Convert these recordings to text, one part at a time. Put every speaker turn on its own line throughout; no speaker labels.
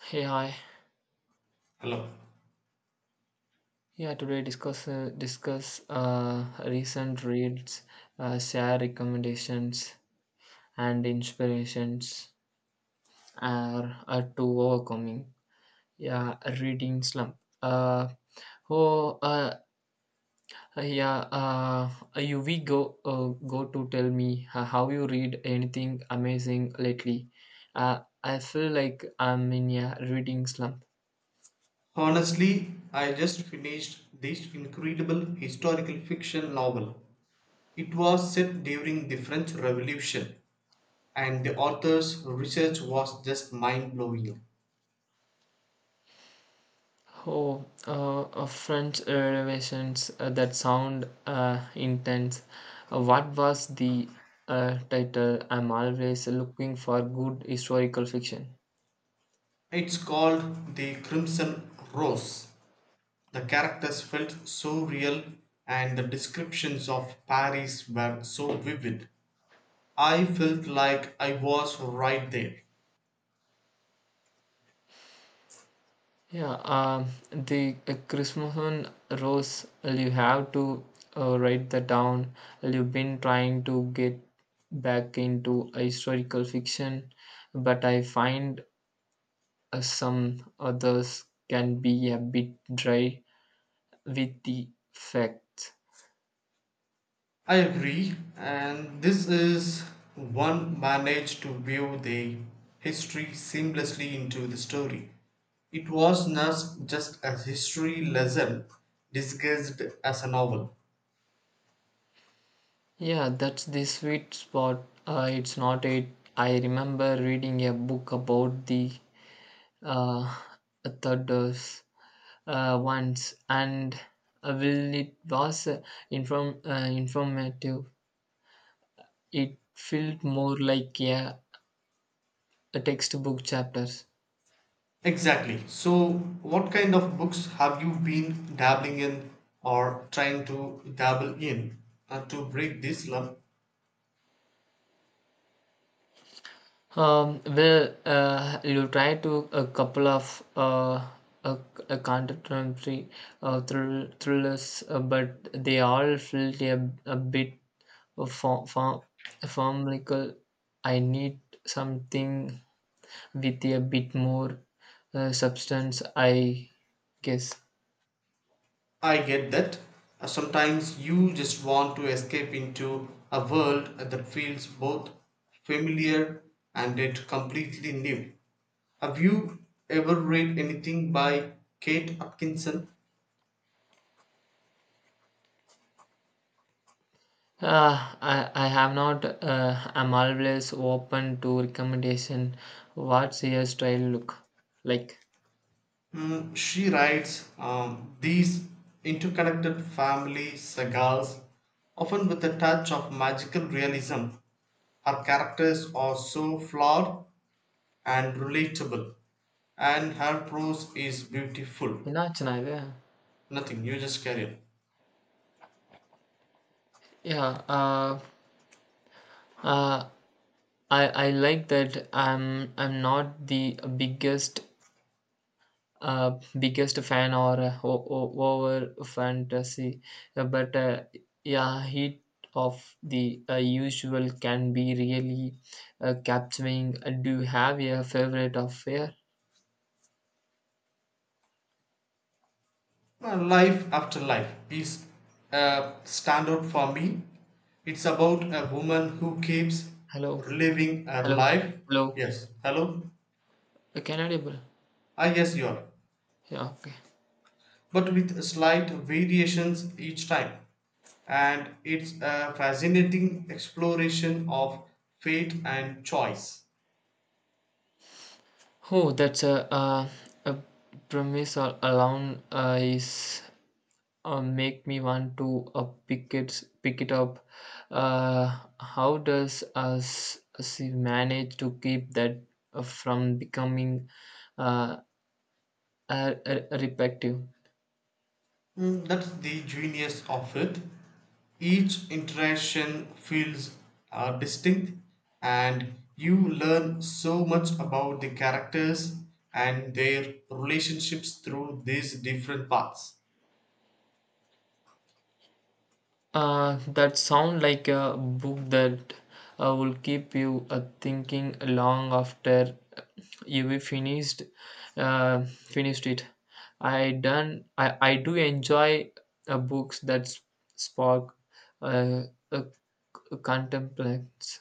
Hey, hi.
Hello.
Yeah, today discuss recent reads, share recommendations and inspirations are to overcoming. Yeah, a reading slump. Uh, oh, yeah. You we go go to Tell me how you read anything amazing lately. I feel like I'm in a reading slump.
Honestly, I just finished this incredible historical fiction novel. It was set during the French Revolution, and the author's research was just mind blowing.
Oh, French revelations that sound intense. What was the title? I'm always looking for good historical fiction.
It's called The Crimson Rose. The characters felt so real, and the descriptions of Paris were so vivid. I felt like I was right there.
Yeah, the Christmas Rose, you have to write that down. You've been trying to get back into a historical fiction, but I find some others can be a bit dry with the facts.
I agree, and this is one managed to weave the history seamlessly into the story. It was not just a history lesson disguised as a novel.
Yeah, that's the sweet spot. It's not it. I remember reading a book about the uh, thunders once, and while it was informative, it felt more like a textbook chapters.
Exactly. So, what kind of books have you been dabbling in or trying to dabble in to break this slump?
You try to a couple of a, a contemporary thrillers, but they all felt a bit of formlical. I need something with a bit more substance, I guess.
I get that. Sometimes you just want to escape into a world that feels both familiar and yet completely new. Have you ever read anything by Kate Atkinson?
I have not, I'm always open to recommendation. What's your style look like?
Mm, she writes these interconnected family sagas, often with a touch of magical realism. Her characters are so flawed and relatable, and her prose is beautiful.
என்னாச்சுண்ணா இது.
Nothing, you just carry on.
Yeah, uh, uh, I I like that. I'm not the biggest fan or over fantasy, but yeah, heat of the usual can be really capturing. Do you have a favorite affair?
Well, life after life is a standout for me. It's about a woman who keeps
Hello,
reliving her
hello,
life.
hello.
Yes, hello?
Canadian.
I guess you are.
Yeah, okay.
But with slight variations each time. And it's a fascinating exploration of fate and choice.
Oh, that's a premise or alone is make me want to uh, pick it up. How does us she manage to keep that from becoming uh, a repetitive?
Mm, that's the genius of it. Each interaction feels distinct, and you learn so much about the characters and their relationships through these different paths.
That sound like a book that will keep you thinking long after you have finished finished it. I do enjoy books that spark uh, a contemplates.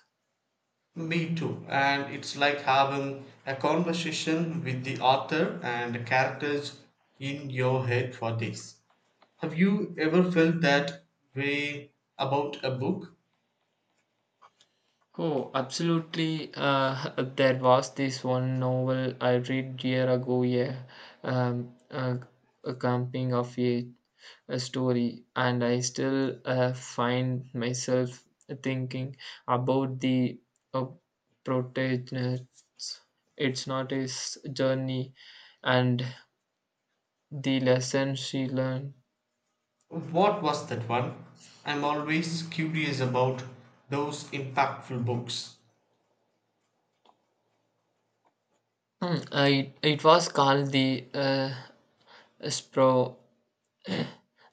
Me too, and it's like having a conversation with the author and the characters in your head for days. Have you ever felt that way about a book?
Oh, absolutely. There was this one novel I read year ago, yeah, um, uh, a camping of a story, and I still find myself thinking about the uh, protagonists. It's not his journey, and the lesson she learned.
What was that one? I'm always curious about those impactful books.
It was called the Spro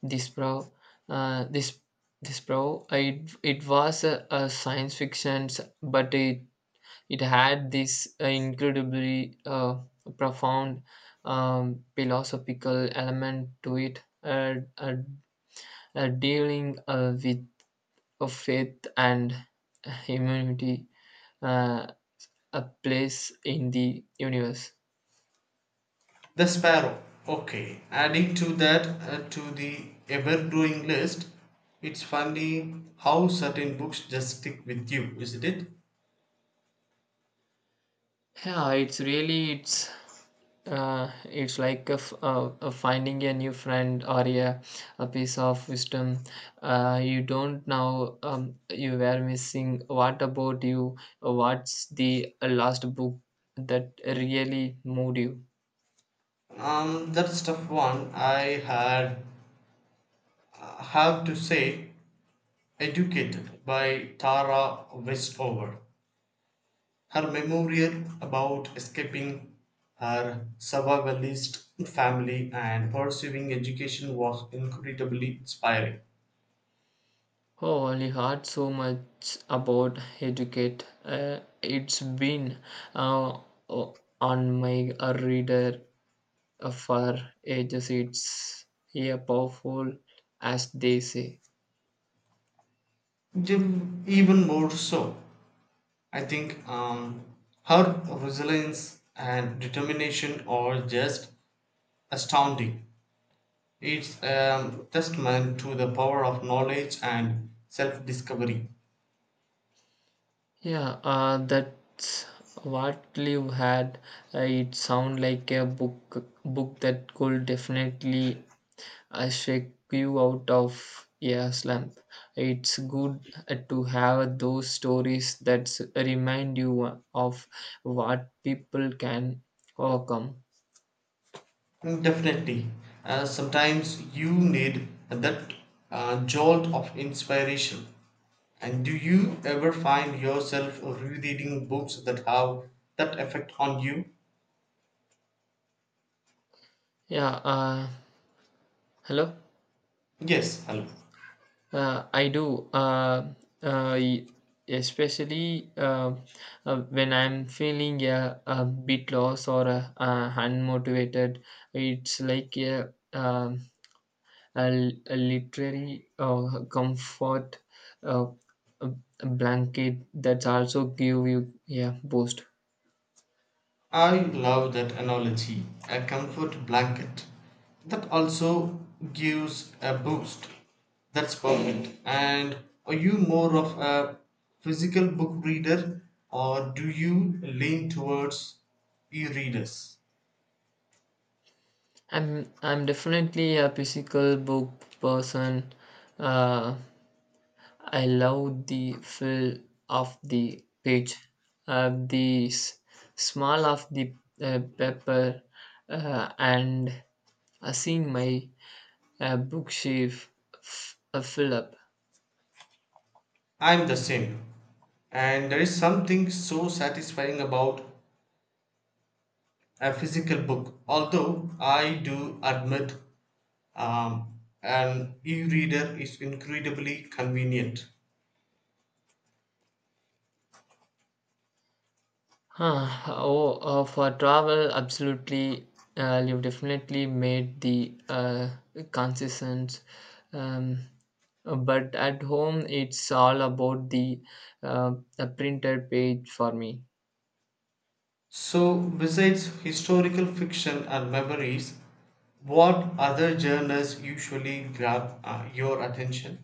This bro, this this bro, it was a science fiction, but it had this incredibly profound philosophical element to it, dealing with of faith and humanity, uh, a place in the universe.
The Sparrow. Okay, adding to that to the ever growing list, it's funny how certain books just stick with you, isn't it?
Yeah, it's really it's It's like finding a new friend or a piece of wisdom you don't know you were missing. What about you? What's the last book that really moved you?
That's tough one. I had have to say, Educated by Tara Westover. Her memorial about escaping her survivalist family and pursuing education was incredibly inspiring.
Oh, I heard so much about educate. It's been uh, on my reader for ages. It's a powerful, as they say.
Even more so, I think her resilience and determination are just astounding. It's a testament to the power of knowledge and self discovery.
Yeah, that's what you had. It sound like a book that could definitely shake you out of a slump. It's good to have those stories that remind you of what people can overcome.
Mm, definitely. Sometimes you need that jolt of inspiration. And do you ever find yourself rereading books that have that effect on you?
Yeah, uh, Hello.
Yes, hello.
I do. Uh, y- Especially when I'm feeling a bit lost or unmotivated, it's like a literary comfort uh, a a blanket that's also give you yeah boost.
I love that analogy, a comfort blanket that also gives a boost. That's perfect. And are you more of a physical book reader or do you lean towards e readers?
I'm definitely a physical book person. Uh, I love the feel of the pitch, uh, the s- smell of the pepper, and seeing my bookshelf fill up.
I'm the same. And there is something so satisfying about a physical book, although I do admit an e reader is incredibly convenient.
Huh. Oh, for travel, absolutely. You've definitely made the concessions. Um, but at home, it's all about the printed page for me.
So, besides historical fiction and memories, what other genres usually grab your attention?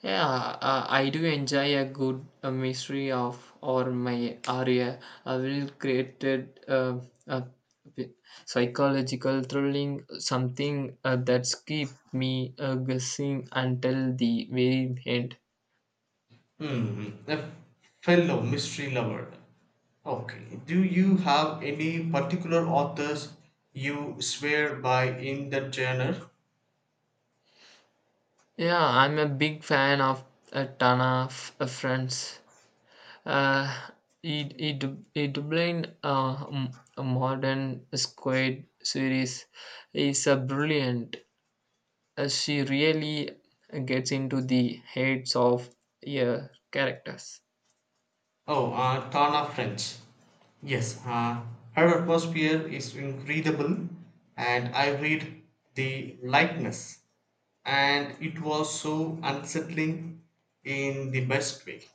Yeah, I do enjoy a good mystery of or my area a well created uh, pi- psychological thrilling something that's keep me guessing until the very end.
Hmm, a fellow mystery lover. Okay. Do you have any particular authors you swear by in that genre?
Yeah, I'm a big fan of a ton of friends. Uh, it it it blind modern squad series is a brilliant. She really gets into the heads of your characters.
Oh, Tana French. Yes, her atmosphere is incredible, and I read The Likeness, and it was so unsettling in the best way.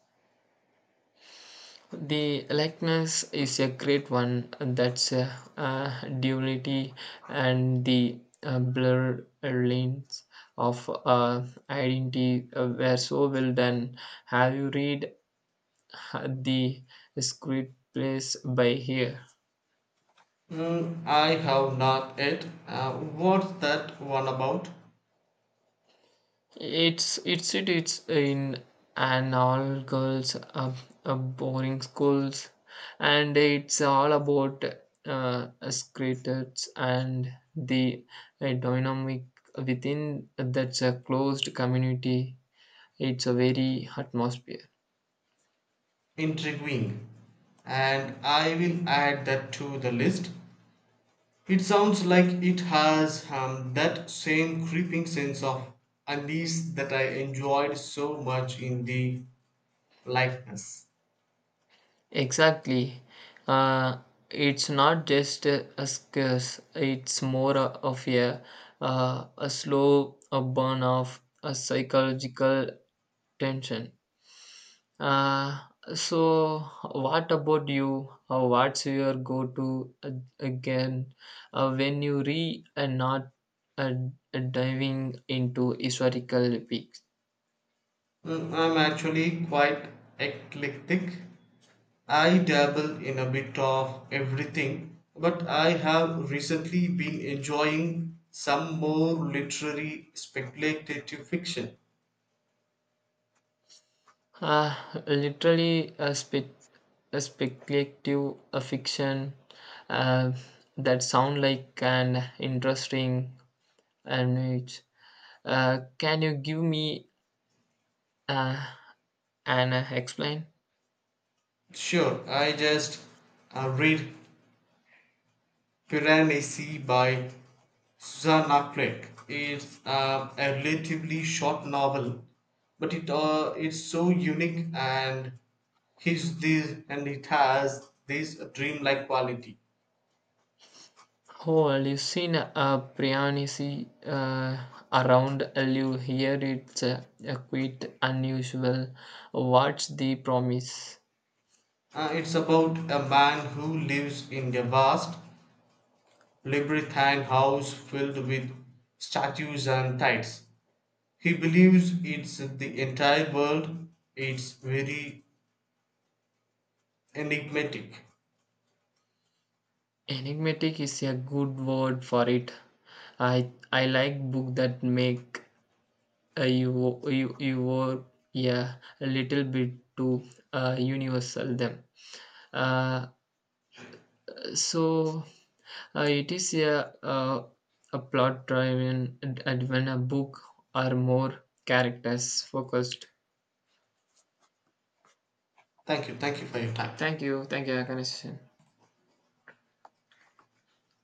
The likeness is a great one. That's duality and the blurred lines of identity were so well done. Have you read the script plays by here?
Mm, I have not yet. What's that one about?
It's in an all girls boarding schools, and it's all about skaters and the dynamic within that's a closed community. It's a very atmosphere.
Intriguing, and I will add that to the list. It sounds like it has that same creeping sense of unease that I enjoyed so much in the likeness.
Exactly. Uh, it's not just a scarce, it's more of a slow a burn of a psychological tension. Uh, so what about you? What's your go-to again when you re and not uh, diving into historical peaks?
Mm, I'm actually quite eclectic. I dabble in a bit of everything, but I have recently been enjoying some more literary speculative fiction.
Uh, literally a, spe- a speculative a fiction uh, that sound like an interesting and can you give me uh, an explain?
Sure, I just read Piranesi by Susanna Clegg is a relatively short novel, but it's so unique and his this and it has this dreamlike quality.
Oh, I've seen a Prianisi around. You hear it's a quite unusual. What's the promise?
It's about a man who lives in a vast labyrinthine house filled with statues and tiles. He believes it's the entire world. It's very enigmatic.
Enigmatic is a good word for it. I like book that make uh, you were yeah a little bit too universal them. Uh, so it is uh, a plot driven adventure book or more characters focused.
Thank you. Thank you for your time.
Thank you. Thank you, Akanashan.